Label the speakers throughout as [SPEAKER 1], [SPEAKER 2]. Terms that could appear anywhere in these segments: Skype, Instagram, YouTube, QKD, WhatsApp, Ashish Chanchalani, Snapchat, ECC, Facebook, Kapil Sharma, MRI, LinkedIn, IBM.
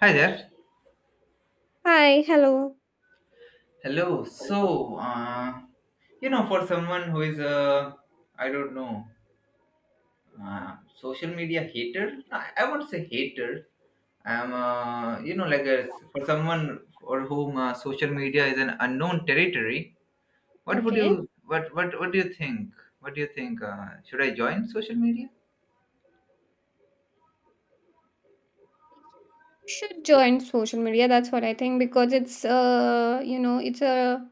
[SPEAKER 1] Hi there.
[SPEAKER 2] Hi, hello.
[SPEAKER 1] Hello. So, for someone who is a, I don't know, social media hater, I won't say hater. Like a, for someone for whom social media is an unknown territory.
[SPEAKER 2] Okay.
[SPEAKER 1] What do you think? What do you think? Should I join social media?
[SPEAKER 2] Should join social media. That's what I think because it's you know it's a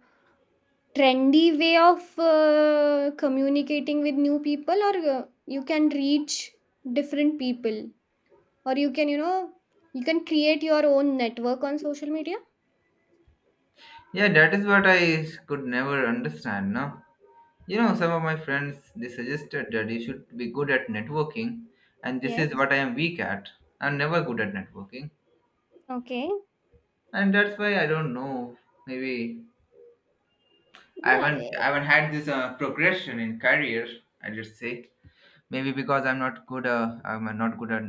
[SPEAKER 2] trendy way of communicating with new people, or you can reach different people, or you can create your own network on social media.
[SPEAKER 1] Yeah, that is what could never understand. No, you know, some of my friends they suggested that you should be good at networking, and this is
[SPEAKER 2] Yes.
[SPEAKER 1] what I am weak at. I'm never good at networking,
[SPEAKER 2] Okay.
[SPEAKER 1] and that's why I don't know. Maybe I
[SPEAKER 2] Yeah,
[SPEAKER 1] haven't I
[SPEAKER 2] eh,
[SPEAKER 1] haven't had this progression in career. I just say maybe because I'm not good. I'm not good at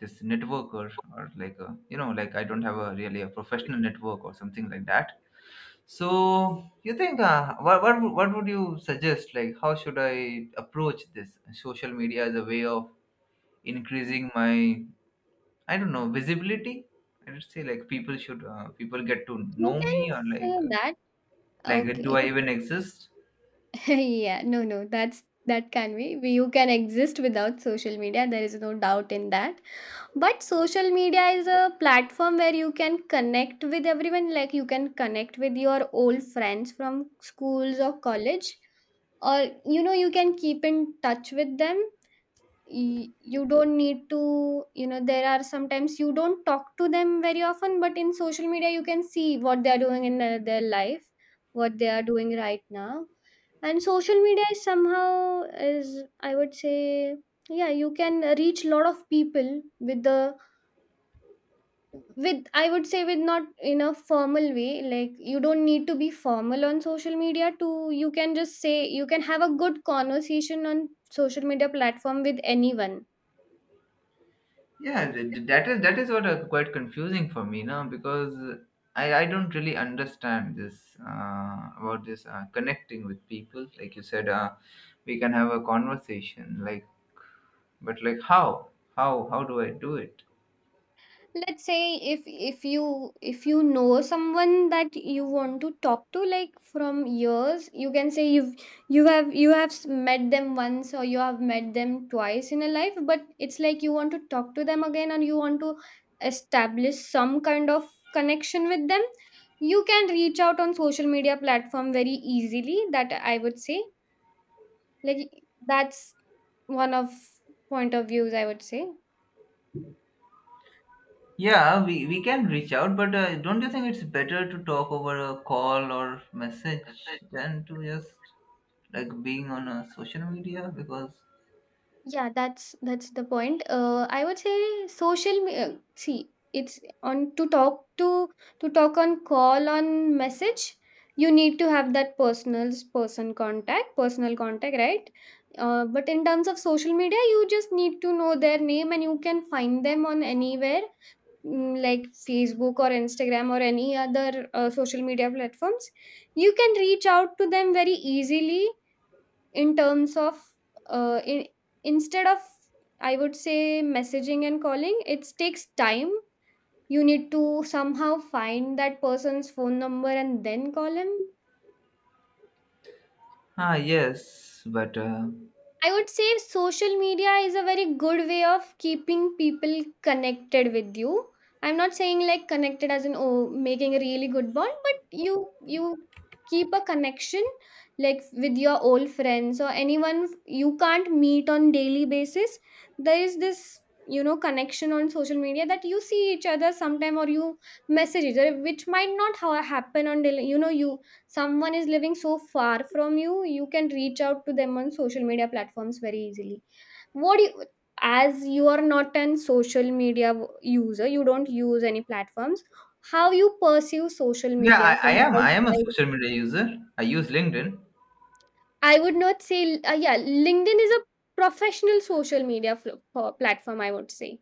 [SPEAKER 1] this networker or like a, you know, like I don't have a really a professional network or something like that. So you think what would you suggest? Like how should I approach this social media as a way of increasing my, I don't know, visibility, I would say, like people should people get to
[SPEAKER 2] you
[SPEAKER 1] know
[SPEAKER 2] can
[SPEAKER 1] me or like
[SPEAKER 2] say that.
[SPEAKER 1] like do
[SPEAKER 2] Okay,
[SPEAKER 1] I even exist?
[SPEAKER 2] yeah, no, no, that can be. You can exist without social media, there is no doubt in that. But social media is a platform where you can connect with everyone, like you can connect with your old friends from schools or college, or you know, you can keep in touch with them, you don't need to, you know, there are sometimes you don't talk to them very often, but in social media you can see what they are doing in their life, what they are doing right now. And social media is somehow, is I would say, yeah, you can reach a lot of people with the, with I would say, with not in a formal way, like you don't need to be formal on social media to, you can just say, you can have a good conversation on social media platform with anyone.
[SPEAKER 1] That is that is what quite confusing for me now because I don't really understand this about this connecting with people like you said, we can have a conversation, like but like how, how do I do it?
[SPEAKER 2] Let's say if you know someone that you want to talk to like from years, you can say you've, you have met them once, or you have met them twice in a life, but it's like you want to talk to them again and you want to establish some kind of connection with them. You can reach out on social media platform very easily, that I would say. Like, that's one of point of views I would say.
[SPEAKER 1] Yeah, we can reach out, but don't you think it's better to talk over a call or message than to just like being on a social media? Because
[SPEAKER 2] Yeah, that's the point. I would say see, it's on to talk to talk on call on message. You need to have that personal person contact, personal contact, right? But in terms of social media, you just need to know their name and you can find them on anywhere, mm, like Facebook or Instagram or any other social media platforms. You can reach out to them very easily in terms of, uh, in, instead of, I would say, messaging and calling, it takes time. You need to somehow find that person's phone number and then call him.
[SPEAKER 1] ah yes, but
[SPEAKER 2] I would say social media is a very good way of keeping people connected with you. I'm not saying like connected as in, oh, making a really good bond, but you keep a connection, like with your old friends or anyone you can't meet on daily basis. There is this, you know, connection on social media that you see each other sometime, or you message each other, which might not how happen on daily. You know, you, someone is living so far from you, you can reach out to them on social media platforms very easily. What do you, as you are not an social media user, you don't use any platforms, how you perceive social
[SPEAKER 1] yeah, I,
[SPEAKER 2] media
[SPEAKER 1] I
[SPEAKER 2] from
[SPEAKER 1] am I am a
[SPEAKER 2] outside?
[SPEAKER 1] social media user. I use LinkedIn.
[SPEAKER 2] I would not say, yeah, LinkedIn is a professional social media platform I would say.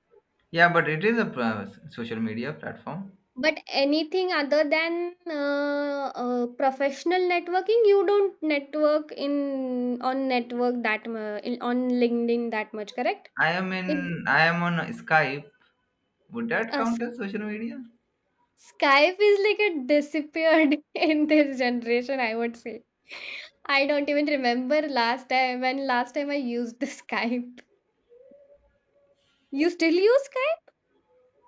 [SPEAKER 1] Yeah, but it is a social media platform.
[SPEAKER 2] But anything other than professional networking, you don't network in on network in on LinkedIn that much, correct? It,
[SPEAKER 1] I am on Skype. Would that
[SPEAKER 2] uh, S-
[SPEAKER 1] count as social media?
[SPEAKER 2] Skype is like it disappeared in this generation, I would say. I don't even remember last time when last time I used the Skype. You still use Skype?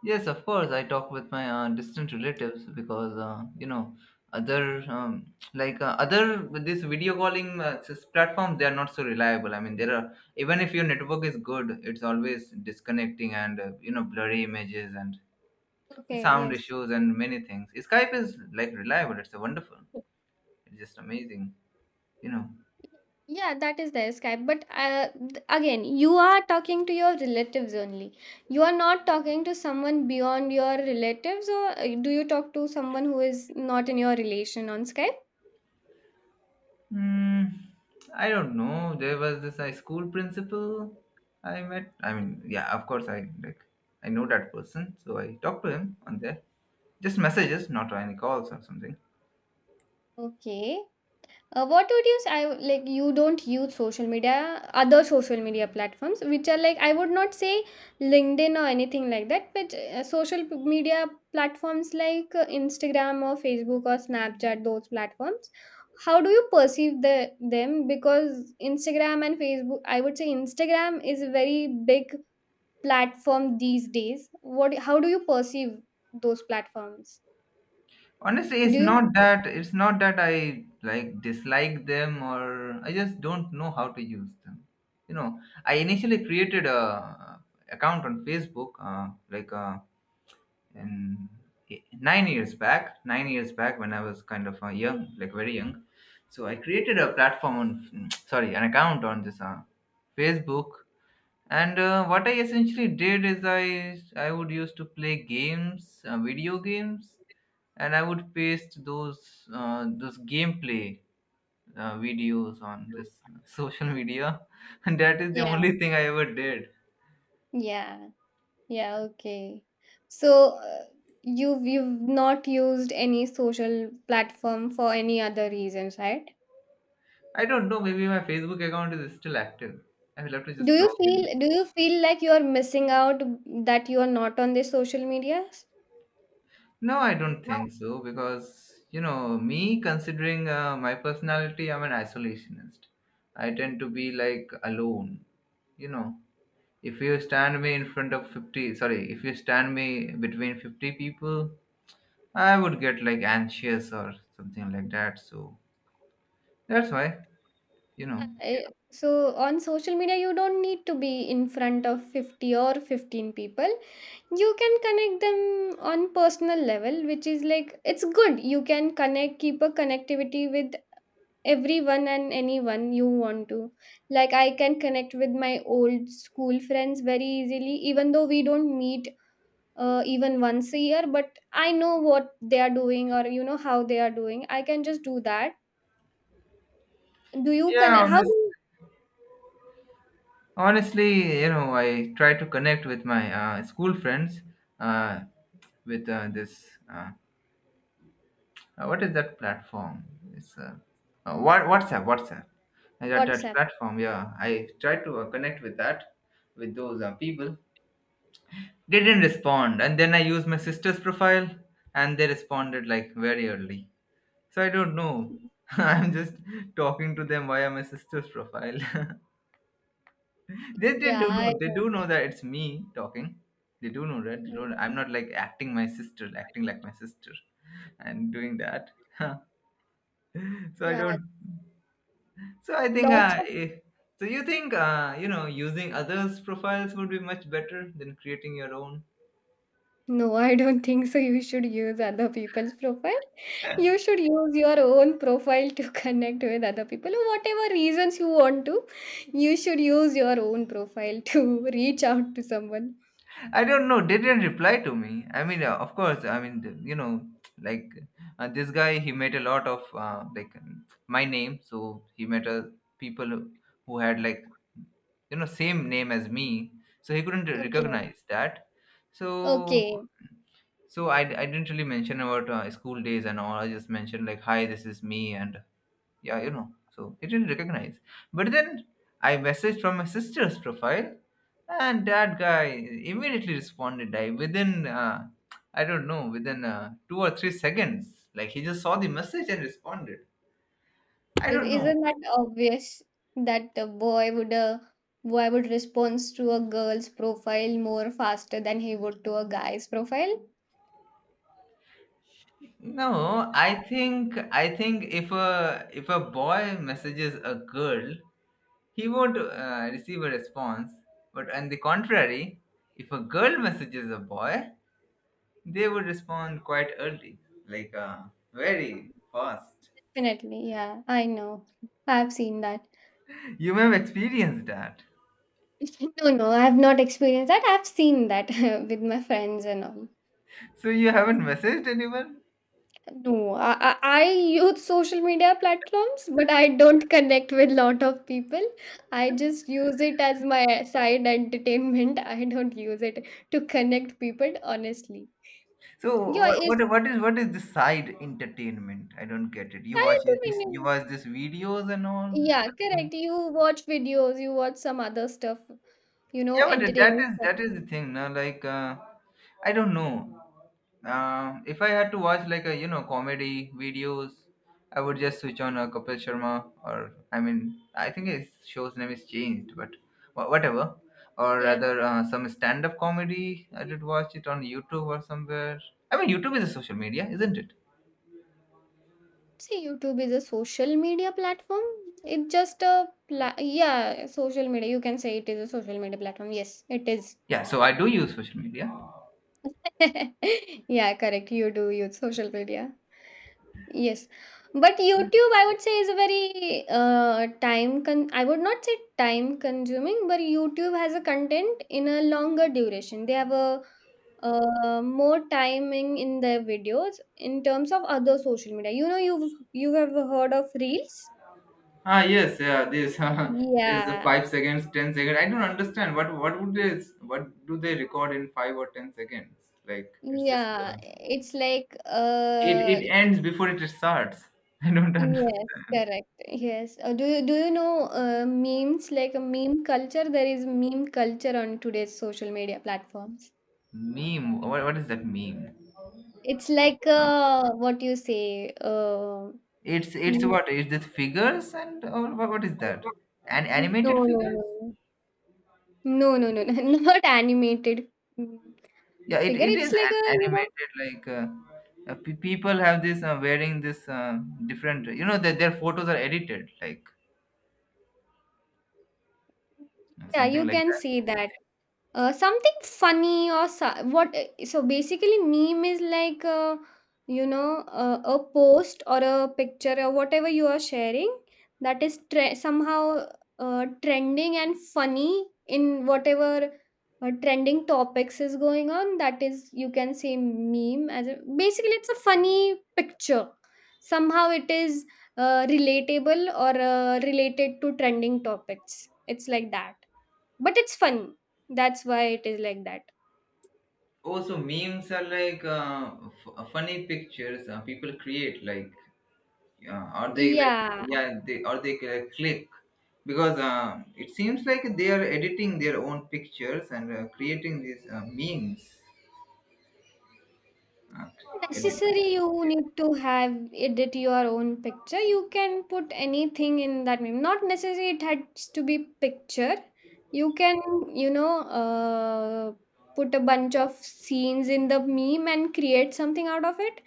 [SPEAKER 1] Yes, of course. I talk with my distant relatives because you know, other um, other with this video calling platforms they are not so reliable. I mean, there are, even if your network is good, it's always disconnecting and, you know, blurry images and
[SPEAKER 2] Okay,
[SPEAKER 1] sound
[SPEAKER 2] yes.
[SPEAKER 1] issues and many things. Skype is like reliable. It's a wonderful. It's just amazing. You know.
[SPEAKER 2] Yeah, that is their Skype. But again, you are talking to your relatives only. You are not talking to someone beyond your relatives, or do you talk to someone who is not in your relation on Skype?
[SPEAKER 1] Hmm, I don't know. There was this high school principal I met. I mean, yeah, of course, I like, I know that person, so I talked to him on there. Just messages, not any calls or something.
[SPEAKER 2] Okay. What would you say? Like, you don't use social media, other social media platforms, which are like, I would not say LinkedIn or anything like that, but social media platforms like Instagram or Facebook or Snapchat, those platforms. How do you perceive the them? Because Instagram and Facebook, I would say Instagram is a very big platform these days. What? How do you perceive those platforms?
[SPEAKER 1] Honestly, it's
[SPEAKER 2] Do you?
[SPEAKER 1] not that. It's not that I like dislike them or I just don't know how to use them. You know, I initially created a account on Facebook, like a, in 9 years back when I was kind of young, like very young. So I created a platform on sorry, an account on this Facebook. And what I essentially did is I would used to play games, video games, and I would paste those gameplay videos on this social media and that is the
[SPEAKER 2] Yeah,
[SPEAKER 1] only thing I ever did.
[SPEAKER 2] yeah. Yeah, okay. So you've not used any social platform for any other reasons, right?
[SPEAKER 1] I don't know, maybe my Facebook account is still active. I will have to
[SPEAKER 2] Do
[SPEAKER 1] just
[SPEAKER 2] you
[SPEAKER 1] log in.
[SPEAKER 2] feel do you feel like you are missing out, that you are not on the social media?
[SPEAKER 1] No, I don't think so because, you know, me considering my personality, I'm an isolationist. I tend to be like alone. You know, if you stand me in front of 50, sorry, if you stand me between 50 people, I would get like anxious or something like that. So that's why, you know.
[SPEAKER 2] I- So, on social media you don't need to be in front of 50 or 15 people. You can connect them on personal level, which is like, it's good. You can connect, keep a connectivity with everyone and anyone you want to, like I can connect with my old school friends very easily, even though we don't meet, even once a year, but I know what they are doing, or, you know, how they are doing, I can just do that. Do you
[SPEAKER 1] Yeah,
[SPEAKER 2] connect, how do
[SPEAKER 1] honest,
[SPEAKER 2] you,
[SPEAKER 1] Honestly, you know, I try to connect with my school friends uh, with this. Uh, what is that platform? It's WhatsApp. WhatsApp. I got that
[SPEAKER 2] WhatsApp,
[SPEAKER 1] platform. Yeah, I tried to connect with that with those people. They didn't respond, and then I used my sister's profile, and they responded like very early. So I don't know. I'm just talking to them via my sister's profile. They
[SPEAKER 2] yeah,
[SPEAKER 1] do
[SPEAKER 2] I
[SPEAKER 1] know. They
[SPEAKER 2] know.
[SPEAKER 1] do know that it's me talking. They do know that. They
[SPEAKER 2] Mm,
[SPEAKER 1] don't, I'm not like acting my sister, acting like my sister, and doing that. So I
[SPEAKER 2] yeah,
[SPEAKER 1] don't. So I think,
[SPEAKER 2] lots.
[SPEAKER 1] so you think, you know, using others' profiles would be much better than creating your own?
[SPEAKER 2] No, I don't think so. You should use other people's profile. You should use your own profile to connect with other people. Whatever reasons you want to, you should use your own profile to reach out to someone.
[SPEAKER 1] I don't know. They didn't reply to me. I mean, of course. I mean, the- you know, like this guy, he met a lot of my name, so he met people who had like, you know, same name as me, so he couldn't
[SPEAKER 2] Okay,
[SPEAKER 1] recognize that. So
[SPEAKER 2] okay.
[SPEAKER 1] so I didn't really mention about school days and all. I just mentioned like, hi, this is me, and yeah, you know, so he didn't recognize, but then I messaged from my sister's profile, and that guy immediately responded. I don't know, within 2 or 3 seconds, like he just saw the message and responded. I
[SPEAKER 2] Is-
[SPEAKER 1] don't know.
[SPEAKER 2] Isn't that obvious that a boy would, a boy would respond to a girl's profile more faster than he would to a guy's profile?
[SPEAKER 1] No, I think if a, if a boy messages a girl, he won't receive a response, but on the contrary, if a girl messages a boy, they would respond quite early, like uh, very
[SPEAKER 2] Yeah,
[SPEAKER 1] fast.
[SPEAKER 2] definitely, yeah. I know. I've seen that.
[SPEAKER 1] You may have experienced that.
[SPEAKER 2] No, no, I have not experienced that. I've seen that with my friends and all.
[SPEAKER 1] So you haven't messaged anyone.
[SPEAKER 2] No, I use social media platforms, but I don't connect with lot of people. I just use it as my side entertainment. I don't use it to connect people, honestly.
[SPEAKER 1] So
[SPEAKER 2] Yeah,
[SPEAKER 1] what,
[SPEAKER 2] it's
[SPEAKER 1] what what is what is this side entertainment? I don't get it.
[SPEAKER 2] side
[SPEAKER 1] You
[SPEAKER 2] entertainment.
[SPEAKER 1] watch this videos and all this.
[SPEAKER 2] Yeah,
[SPEAKER 1] But—
[SPEAKER 2] correct. You watch videos, you watch some other stuff, you know,
[SPEAKER 1] Yeah, but
[SPEAKER 2] entertaining stuff.
[SPEAKER 1] that is the thing now. Like I don't know. If I had to watch like a, you know, comedy videos, I would just switch on a Kapil Sharma, or I mean I think his show's name is changed, but whatever. Or
[SPEAKER 2] Yeah.
[SPEAKER 1] rather, some stand-up comedy. I did watch it on YouTube or somewhere. I mean, YouTube is a social media, isn't it?
[SPEAKER 2] See, YouTube is a social media platform. It just a yeah, social media. You can say it is a social media platform. Yes, it is.
[SPEAKER 1] Yeah, so I do use social media.
[SPEAKER 2] Yeah, correct. You do use social media. Yes, but YouTube, I would say, is a very time con. I would not say time consuming, but YouTube has a content in a longer duration. They have a more timing in their videos in terms of other social media. You know, you have heard of reels.
[SPEAKER 1] Ah, yes, yeah. This this
[SPEAKER 2] Yeah,
[SPEAKER 1] 5 seconds, 10 seconds. I don't understand what would this what do they record in 5 or 10 seconds? Like it's just. Uh,
[SPEAKER 2] yeah. It's like
[SPEAKER 1] It
[SPEAKER 2] uh,
[SPEAKER 1] it ends before it starts. I don't
[SPEAKER 2] yes,
[SPEAKER 1] understand.
[SPEAKER 2] correct. Yes. Do you know memes, like a meme culture? There is meme culture on today's social media platforms.
[SPEAKER 1] Meme. What is that meme?
[SPEAKER 2] It's like
[SPEAKER 1] Hold on.
[SPEAKER 2] uh, what you say uh,
[SPEAKER 1] It's
[SPEAKER 2] mm,
[SPEAKER 1] what? Is this figures and or what is that? An
[SPEAKER 2] no
[SPEAKER 1] animated
[SPEAKER 2] no
[SPEAKER 1] figures?
[SPEAKER 2] no no not animated, mm,
[SPEAKER 1] Yeah, it,
[SPEAKER 2] figure.
[SPEAKER 1] it
[SPEAKER 2] It's
[SPEAKER 1] is
[SPEAKER 2] like
[SPEAKER 1] an
[SPEAKER 2] a, you know,
[SPEAKER 1] animated like people have this wearing this different. You know that their photos are edited like
[SPEAKER 2] yeah,
[SPEAKER 1] something
[SPEAKER 2] you
[SPEAKER 1] like
[SPEAKER 2] can
[SPEAKER 1] that.
[SPEAKER 2] see that something funny or what, so basically meme is like you know, a post or a picture or whatever you are sharing that is somehow trending and funny in whatever trending topics is going on, that is, you can say meme as a, basically it's a funny picture, somehow it is relatable or related to trending topics, it's like that. But it's fun, that's why it is like that.
[SPEAKER 1] Also, memes are like funny pictures people create like, yeah, or they like,
[SPEAKER 2] Yeah,
[SPEAKER 1] yeah, they or they click because it seems like they are editing their own pictures and creating these memes. uh, edit-
[SPEAKER 2] necessary, you need to have edit your own picture, you can put anything in that meme, not necessary it has to be picture. You can, you know, put a bunch of scenes in the meme and create something out of it.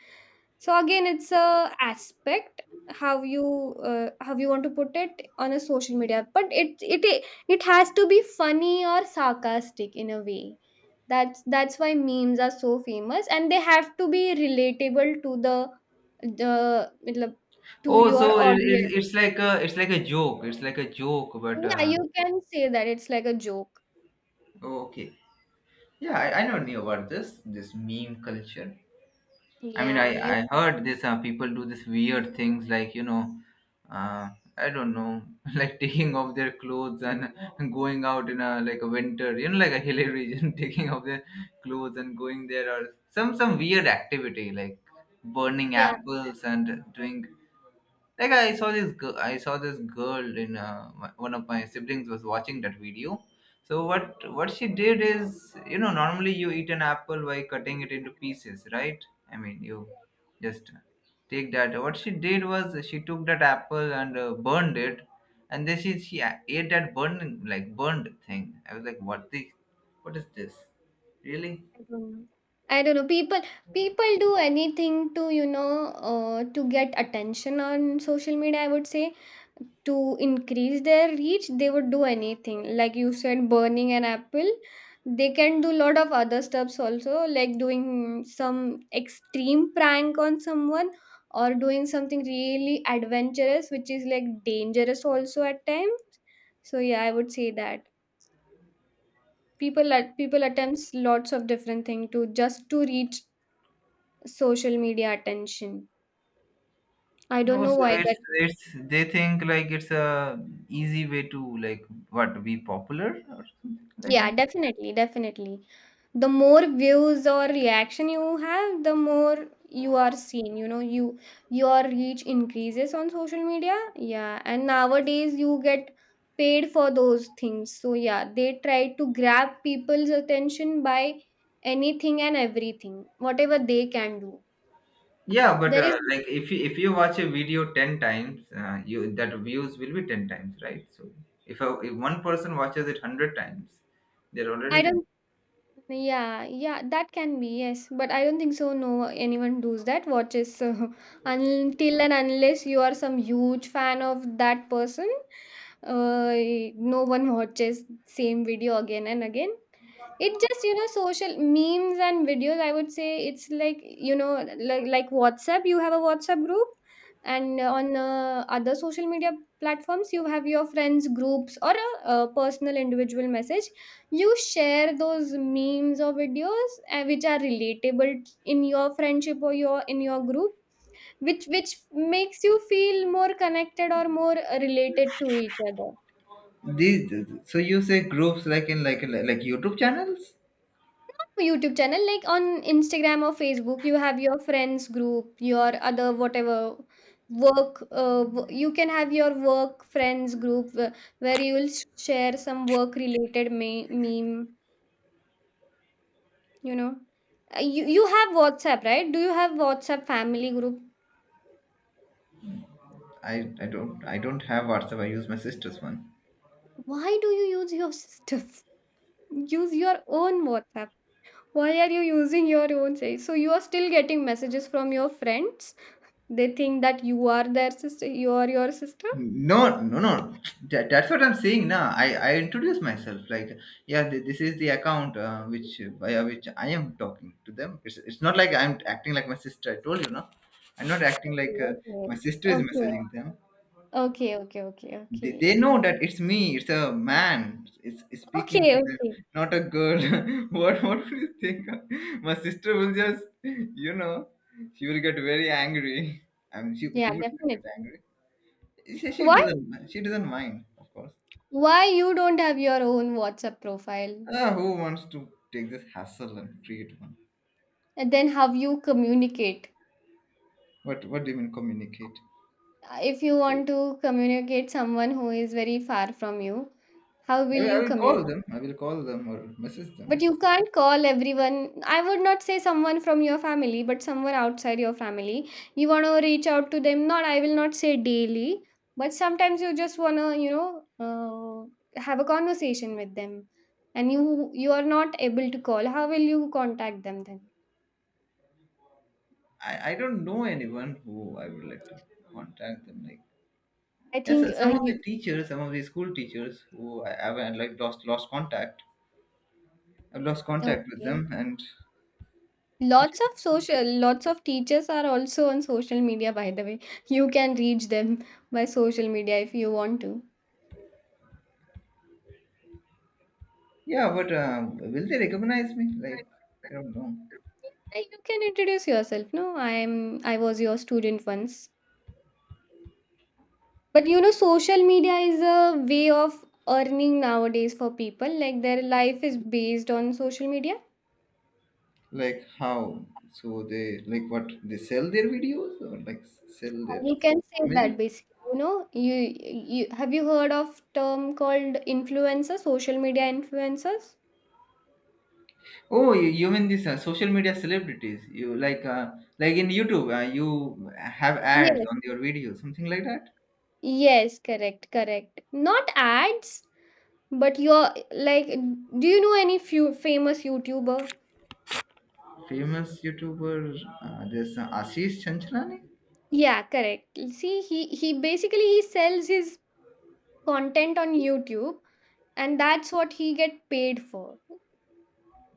[SPEAKER 2] So again, it's a aspect how you want to put it on a social media, but it has to be funny or sarcastic in a way. That's why memes are so famous, and they have to be relatable to the matlab, to
[SPEAKER 1] oh,
[SPEAKER 2] your
[SPEAKER 1] so it,
[SPEAKER 2] audience.
[SPEAKER 1] it's like a, it's like a joke, it's like a joke, but
[SPEAKER 2] Yeah, you can say that it's like a joke.
[SPEAKER 1] oh, okay. Yeah, I never knew about this this meme culture. I mean,
[SPEAKER 2] Yeah, you,
[SPEAKER 1] I heard this people do this weird things like, you know, uh, I don't know, like taking off their clothes and going out in a like a winter, you know, like a hilly region, taking off their clothes and going there, or some weird activity like burning
[SPEAKER 2] yeah.
[SPEAKER 1] apples and doing, like I saw this girl in one of my siblings was watching that video. So what she did is, you know, normally you eat an apple by cutting it into pieces, right? I mean you just take that What she did was she took that apple and burned it, and then she ate that burned, like burned thing. I was like, what the, what is this, really?
[SPEAKER 2] I don't know. I don't know. People, people do anything to, you know, to get attention on social media, I would say. To increase their reach, they would do anything. Like you said, burning an apple. They can do lot of other stuffs also, like doing some extreme prank on someone, or doing something really adventurous, which is like dangerous also at times. So yeah, I would say that people at people attempts lots of different thing to just to reach social media attention. I
[SPEAKER 1] No,
[SPEAKER 2] don't know
[SPEAKER 1] so
[SPEAKER 2] why that.
[SPEAKER 1] it's they think like it's a easy way to like, what, be popular or something like
[SPEAKER 2] Yeah,
[SPEAKER 1] that.
[SPEAKER 2] definitely, definitely, the more views or reaction you have, the more you are seen, you know, you, your reach increases on social media. Yeah, and nowadays you get paid for those things, so yeah, they try to grab people's attention by anything and everything, whatever they can do.
[SPEAKER 1] Yeah, but
[SPEAKER 2] There is,
[SPEAKER 1] like if you watch a video 10 times, you that views will be 10 times, right? So if a, if one person watches it 100 times, they're
[SPEAKER 2] I
[SPEAKER 1] already
[SPEAKER 2] don't, yeah, yeah, that can be, yes. But I don't think so. No, anyone does that. Watches until and unless you are some huge fan of that person, uh, no one watches same video again and again. It just, you know, social memes and videos, I would say it's like, you know, like WhatsApp. You have a WhatsApp group, and on other social media platforms, you have your friends' groups or a personal individual message. You share those memes or videos which are relatable in your friendship or your in your group, which makes you feel more connected or more related to each other.
[SPEAKER 1] these. So you say groups like in like like YouTube channels?
[SPEAKER 2] YouTube channel, like on Instagram or Facebook, you have your friends group, your other, whatever. Work you can have your work friends group where you will share some work related meme, you know. You have WhatsApp, right? Do you have WhatsApp family group?
[SPEAKER 1] I don't have WhatsApp. I use my sister's one.
[SPEAKER 2] Why do you use your sister's? Use your own WhatsApp. Why are you using your own, say? So you are still getting messages from your friends. They think that you are their sister. You are your sister.
[SPEAKER 1] No, no, no. That, that's what I'm saying now. I introduce myself like, yeah, this is the account which via which I am talking to them. It's not like I'm acting like my sister. I told you, no. I'm not acting like my
[SPEAKER 2] Okay.
[SPEAKER 1] sister is
[SPEAKER 2] Okay.
[SPEAKER 1] messaging them.
[SPEAKER 2] Okay. Okay. Okay.
[SPEAKER 1] They know that it's me. It's a man. It's
[SPEAKER 2] Okay.
[SPEAKER 1] speaking to
[SPEAKER 2] Okay.
[SPEAKER 1] them,
[SPEAKER 2] Okay.
[SPEAKER 1] not a girl. What do you think? My sister will just, you know, she will get very angry. I mean,
[SPEAKER 2] Yeah,
[SPEAKER 1] she would get
[SPEAKER 2] definitely.
[SPEAKER 1] angry. She
[SPEAKER 2] Why?
[SPEAKER 1] doesn't mind. She doesn't mind, of course.
[SPEAKER 2] Why you don't have your own WhatsApp profile?
[SPEAKER 1] Ah, who wants to take this hassle and create one?
[SPEAKER 2] And then how you communicate?
[SPEAKER 1] What do you mean communicate?
[SPEAKER 2] If you want to communicate someone who is very far from you, how will
[SPEAKER 1] I
[SPEAKER 2] you
[SPEAKER 1] will call them.
[SPEAKER 2] communicate?
[SPEAKER 1] I will call them or message them.
[SPEAKER 2] But you can't call everyone. I would not say someone from your family, but someone outside your family. You want to reach out to them. Not, I will not say daily, but sometimes you just want to, you know, have a conversation with them, and you are not able to call. How will you contact them then?
[SPEAKER 1] I don't know anyone who I would like to contact them. Like
[SPEAKER 2] I
[SPEAKER 1] yes,
[SPEAKER 2] think
[SPEAKER 1] some of the
[SPEAKER 2] you
[SPEAKER 1] teachers, some of the school teachers who I haven't like lost contact. I've lost contact with
[SPEAKER 2] okay.
[SPEAKER 1] them, and
[SPEAKER 2] Lots of social, lots of teachers are also on social media. By the way, you can reach them by social media if you want to.
[SPEAKER 1] yeah, but will they recognize me? Like I don't know.
[SPEAKER 2] Uh, You can introduce yourself. No, I was your student once. But you know, social media is a way of earning nowadays for people. Like their life is based on social media.
[SPEAKER 1] Like how? So they like what? They sell their videos or like sell their
[SPEAKER 2] You can say that
[SPEAKER 1] images?
[SPEAKER 2] basically. You have you heard of term called influencer, social media influencers?
[SPEAKER 1] Oh, you mean these social media celebrities? You like in YouTube, you have ads
[SPEAKER 2] Yes.
[SPEAKER 1] on your videos, something like that.
[SPEAKER 2] Yes, correct, correct. Not ads, but your, like, do you know any few famous YouTuber?
[SPEAKER 1] Famous YouTuber, there's Ashish Chanchalani.
[SPEAKER 2] Yeah, correct. See, he basically he sells his content on YouTube, and that's what he get paid for.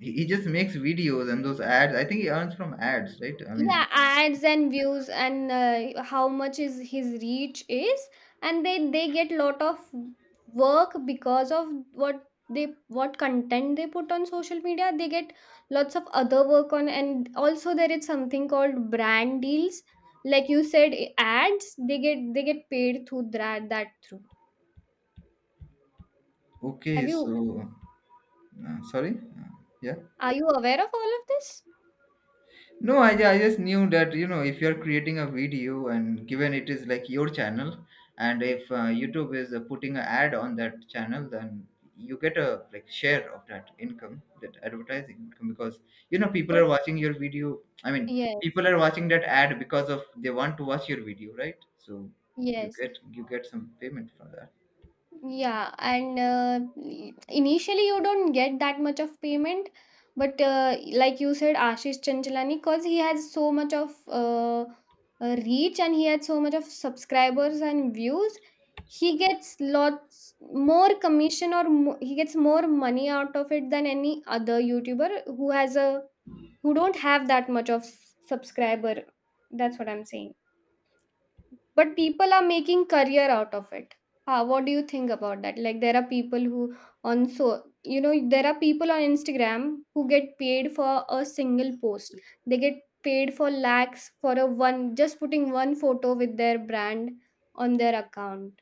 [SPEAKER 1] He just makes videos and those ads. I think he earns from ads, right? I mean,
[SPEAKER 2] Yeah, ads and views and how much is his reach is, and they get lot of work because of what they what content they put on social media. They get lots of other work on, and also there is something called brand deals. Like you said, ads they get paid through that through.
[SPEAKER 1] okay,
[SPEAKER 2] Have you,
[SPEAKER 1] so sorry, yeah.
[SPEAKER 2] are you aware of all of this?
[SPEAKER 1] No, I just knew that you know if you're creating a video and given it is like your channel, and if YouTube is putting an ad on that channel, then you get a like share of that income, that advertising income, because you know people
[SPEAKER 2] But
[SPEAKER 1] are watching your video. I mean, people
[SPEAKER 2] yes,
[SPEAKER 1] are watching that ad because of they want to watch your video, right? So you
[SPEAKER 2] yes,
[SPEAKER 1] get you get some payment from that.
[SPEAKER 2] yeah. And initially, you don't get that much of payment, but like you said, Ashish Chanchalani, because he has so much of reach and he had so much of subscribers and views, he gets lots more commission or he gets more money out of it than any other YouTuber who has a who don't have that much of subscriber. That's what I'm saying. But people are making career out of it. What do you think about that? Like there are people who, on so, you know, there are people on Instagram who get paid for a single post. They get paid for lakhs for a one, just putting one photo with their brand on their account.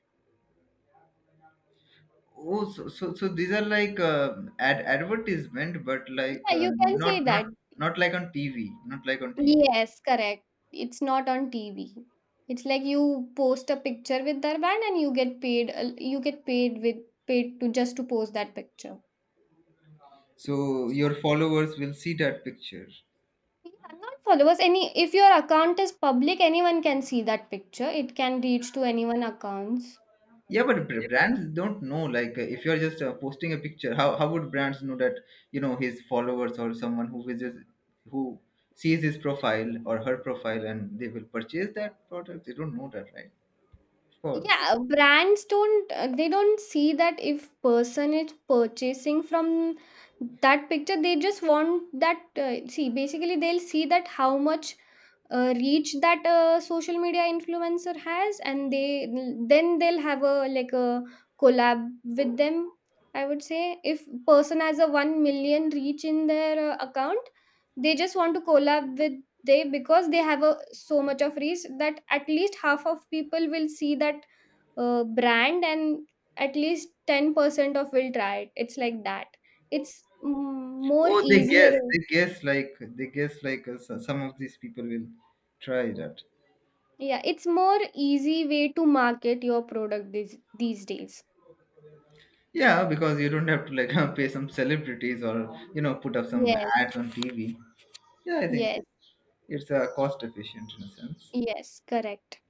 [SPEAKER 1] Oh, so these are like ad advertisement, but like
[SPEAKER 2] Yeah, you can
[SPEAKER 1] not
[SPEAKER 2] say
[SPEAKER 1] not
[SPEAKER 2] that.
[SPEAKER 1] not like on TV, not like on TV.
[SPEAKER 2] Yes, correct. It's not on TV. It's like you post a picture with their brand and you get paid, you get paid with paid to just to post that picture.
[SPEAKER 1] So your followers will see that picture.
[SPEAKER 2] Yeah, not followers. Any, if your account is public, anyone can see that picture. It can reach to anyone accounts.
[SPEAKER 1] Yeah, but brands don't know like if you're just posting a picture, how would brands know that you know his followers or someone who visits who sees his profile or her profile and they will purchase that product, they don't know that, right? Of course.
[SPEAKER 2] Yeah, brands don't they don't see that if person is purchasing from that picture. They just want that, see, basically they'll see that how much reach that social media influencer has, and they then they'll have a like a collab with them. I would say if person has a 1 million reach in their account, they just want to collab with, they, because they have a so much of reach that at least half of people will see that brand, and at least 10% of will try it. It's like that. It's, mm, more
[SPEAKER 1] Oh, they
[SPEAKER 2] easier.
[SPEAKER 1] guess, some of these people will try that.
[SPEAKER 2] Yeah, it's more easy way to market your product these days.
[SPEAKER 1] Yeah, because you don't have to like pay some celebrities or you know put up some
[SPEAKER 2] Yes.
[SPEAKER 1] ads on TV. Yeah, I think
[SPEAKER 2] Yes.
[SPEAKER 1] it's cost efficient in a sense.
[SPEAKER 2] Yes, correct.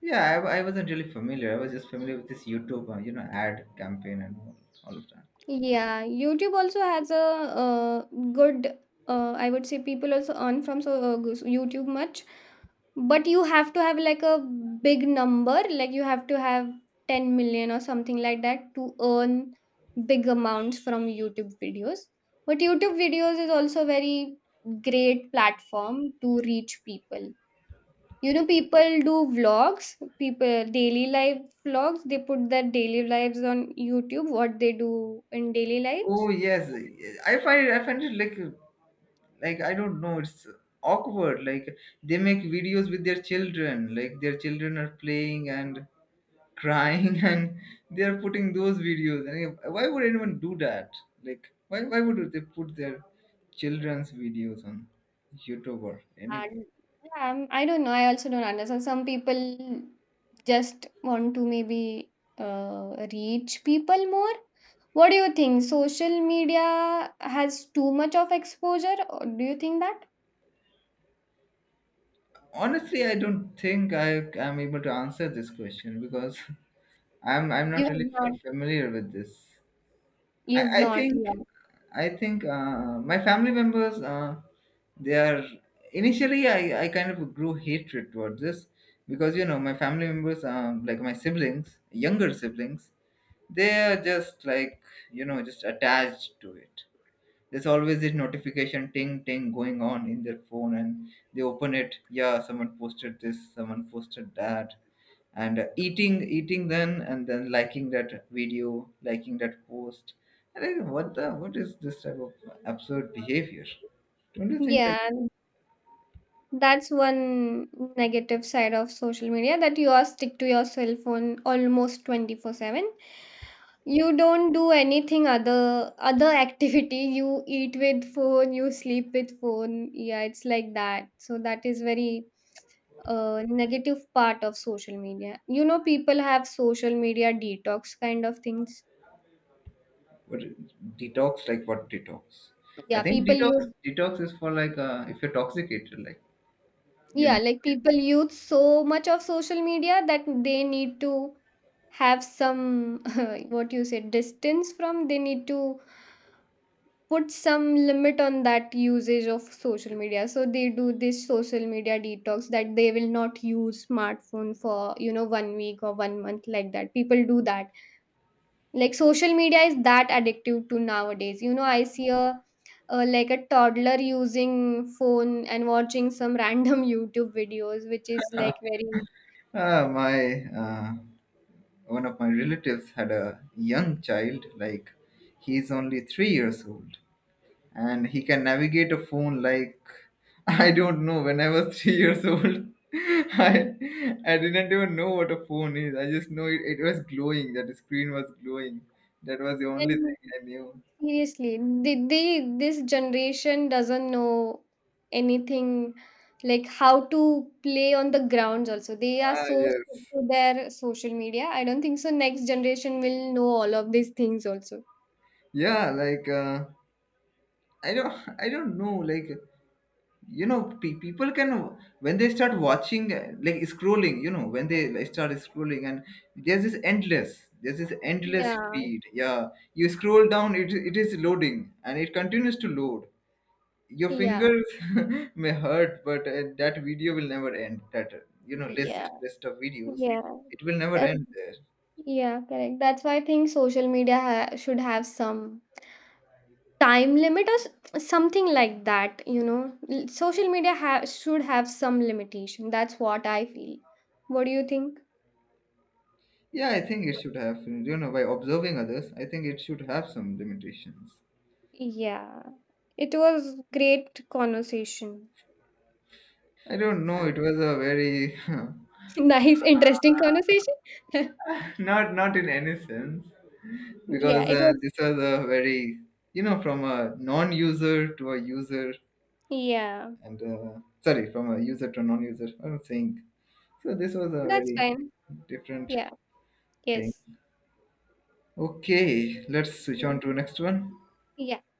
[SPEAKER 1] Yeah, I wasn't really familiar. I was just familiar with this YouTube, you know, ad campaign and all of that.
[SPEAKER 2] Yeah, YouTube also has a good I would say people also earn from so YouTube much. But you have to have like a big number, like you have to have 10 million or something like that to earn big amounts from YouTube videos. But YouTube videos is also very great platform to reach people. You know, people do vlogs, people daily life vlogs, they put their daily lives on YouTube, what they do in daily life.
[SPEAKER 1] Oh yes, I find it like I don't know, it's awkward. Like they make videos with their children, like their children are playing and crying, and they are putting those videos. And yeah, why would anyone do that? Like why would they put their children's videos on YouTube or anywhere?
[SPEAKER 2] And yeah, I'm, I don't know. I also don't understand. Some people just want to maybe reach people more. What do you think? Social media has too much of exposure, or do you think that
[SPEAKER 1] Honestly, I don't think I am able to answer this question because I'm
[SPEAKER 2] you
[SPEAKER 1] not
[SPEAKER 2] have
[SPEAKER 1] really
[SPEAKER 2] not?
[SPEAKER 1] familiar with this. I,
[SPEAKER 2] You've
[SPEAKER 1] I
[SPEAKER 2] not,
[SPEAKER 1] think
[SPEAKER 2] yeah.
[SPEAKER 1] I think my family members they are initially I kind of grew hatred towards this because you know my family members like my siblings, younger siblings, they are just like you know just attached to it. There's always this notification ting ting going on in their phone, and they open it. Yeah, someone posted this, someone posted that, and eating, eating then, and then liking that video, liking that post. And I go, what the? What is this type of absurd behavior? Don't you think
[SPEAKER 2] Yeah,
[SPEAKER 1] like
[SPEAKER 2] that's one negative side of social media that you are stick to your cell phone almost 24/7. You don't do anything other activity. You eat with phone, you sleep with phone. Yeah, it's like that. So that is very negative part of social media. You know, people have social media detox kind of things.
[SPEAKER 1] what is- detox? Like what detox? I
[SPEAKER 2] Yeah,
[SPEAKER 1] think
[SPEAKER 2] people use,
[SPEAKER 1] detox is for like if you're toxicated, like you
[SPEAKER 2] yeah,
[SPEAKER 1] know.
[SPEAKER 2] like people use so much of social media that they need to have some what you say distance from. They need to put some limit on that usage of social media, so they do this social media detox that they will not use smartphone for, you know, 1 week or 1 month, like that people do that. Like social media is that addictive to nowadays. You know, I see a like a toddler using phone and watching some random YouTube videos, which is like very,
[SPEAKER 1] Ah, my. Uh, One of my relatives had a young child, like he's only three years old, and he can navigate a phone like I don't know. When I was three years old, I I didn't even know what a phone is. I just know it, it was glowing. That screen was glowing. That was the only
[SPEAKER 2] and
[SPEAKER 1] thing I knew.
[SPEAKER 2] seriously, they this generation doesn't know anything like how to play on the grounds also. They are
[SPEAKER 1] Ah
[SPEAKER 2] so stuck
[SPEAKER 1] yes.
[SPEAKER 2] to their social media. I don't think so next generation will know all of these things also.
[SPEAKER 1] Yeah, like I don't know like. You know people can when they start watching like scrolling, you know, when they like start scrolling and there's this endless
[SPEAKER 2] Yeah.
[SPEAKER 1] feed. Yeah, you scroll down, it is loading and it continues to load. Your
[SPEAKER 2] Yeah.
[SPEAKER 1] fingers may hurt but that video will never end, that you know
[SPEAKER 2] Yeah,
[SPEAKER 1] list of videos,
[SPEAKER 2] yeah.
[SPEAKER 1] it will never
[SPEAKER 2] That,
[SPEAKER 1] end there.
[SPEAKER 2] yeah, correct. That's why I think social media ha should have some time limit or something like that, you know. Social media should have some limitation. That's what I feel. What do you think?
[SPEAKER 1] Yeah, I think it should have, you know, by observing others I think it should have some limitations.
[SPEAKER 2] Yeah, it was great conversation.
[SPEAKER 1] I don't know. It was a very
[SPEAKER 2] Nice interesting conversation.
[SPEAKER 1] not not in any sense
[SPEAKER 2] Yeah,
[SPEAKER 1] because
[SPEAKER 2] it was.
[SPEAKER 1] this was a very you know from a non-user to a user
[SPEAKER 2] Yeah,
[SPEAKER 1] and sorry, from a user to a non-user, I'm saying. So this was a
[SPEAKER 2] that's
[SPEAKER 1] very
[SPEAKER 2] fine.
[SPEAKER 1] different
[SPEAKER 2] Yeah.
[SPEAKER 1] thing.
[SPEAKER 2] Yes.
[SPEAKER 1] Okay, let's switch on to next one.
[SPEAKER 2] Yeah.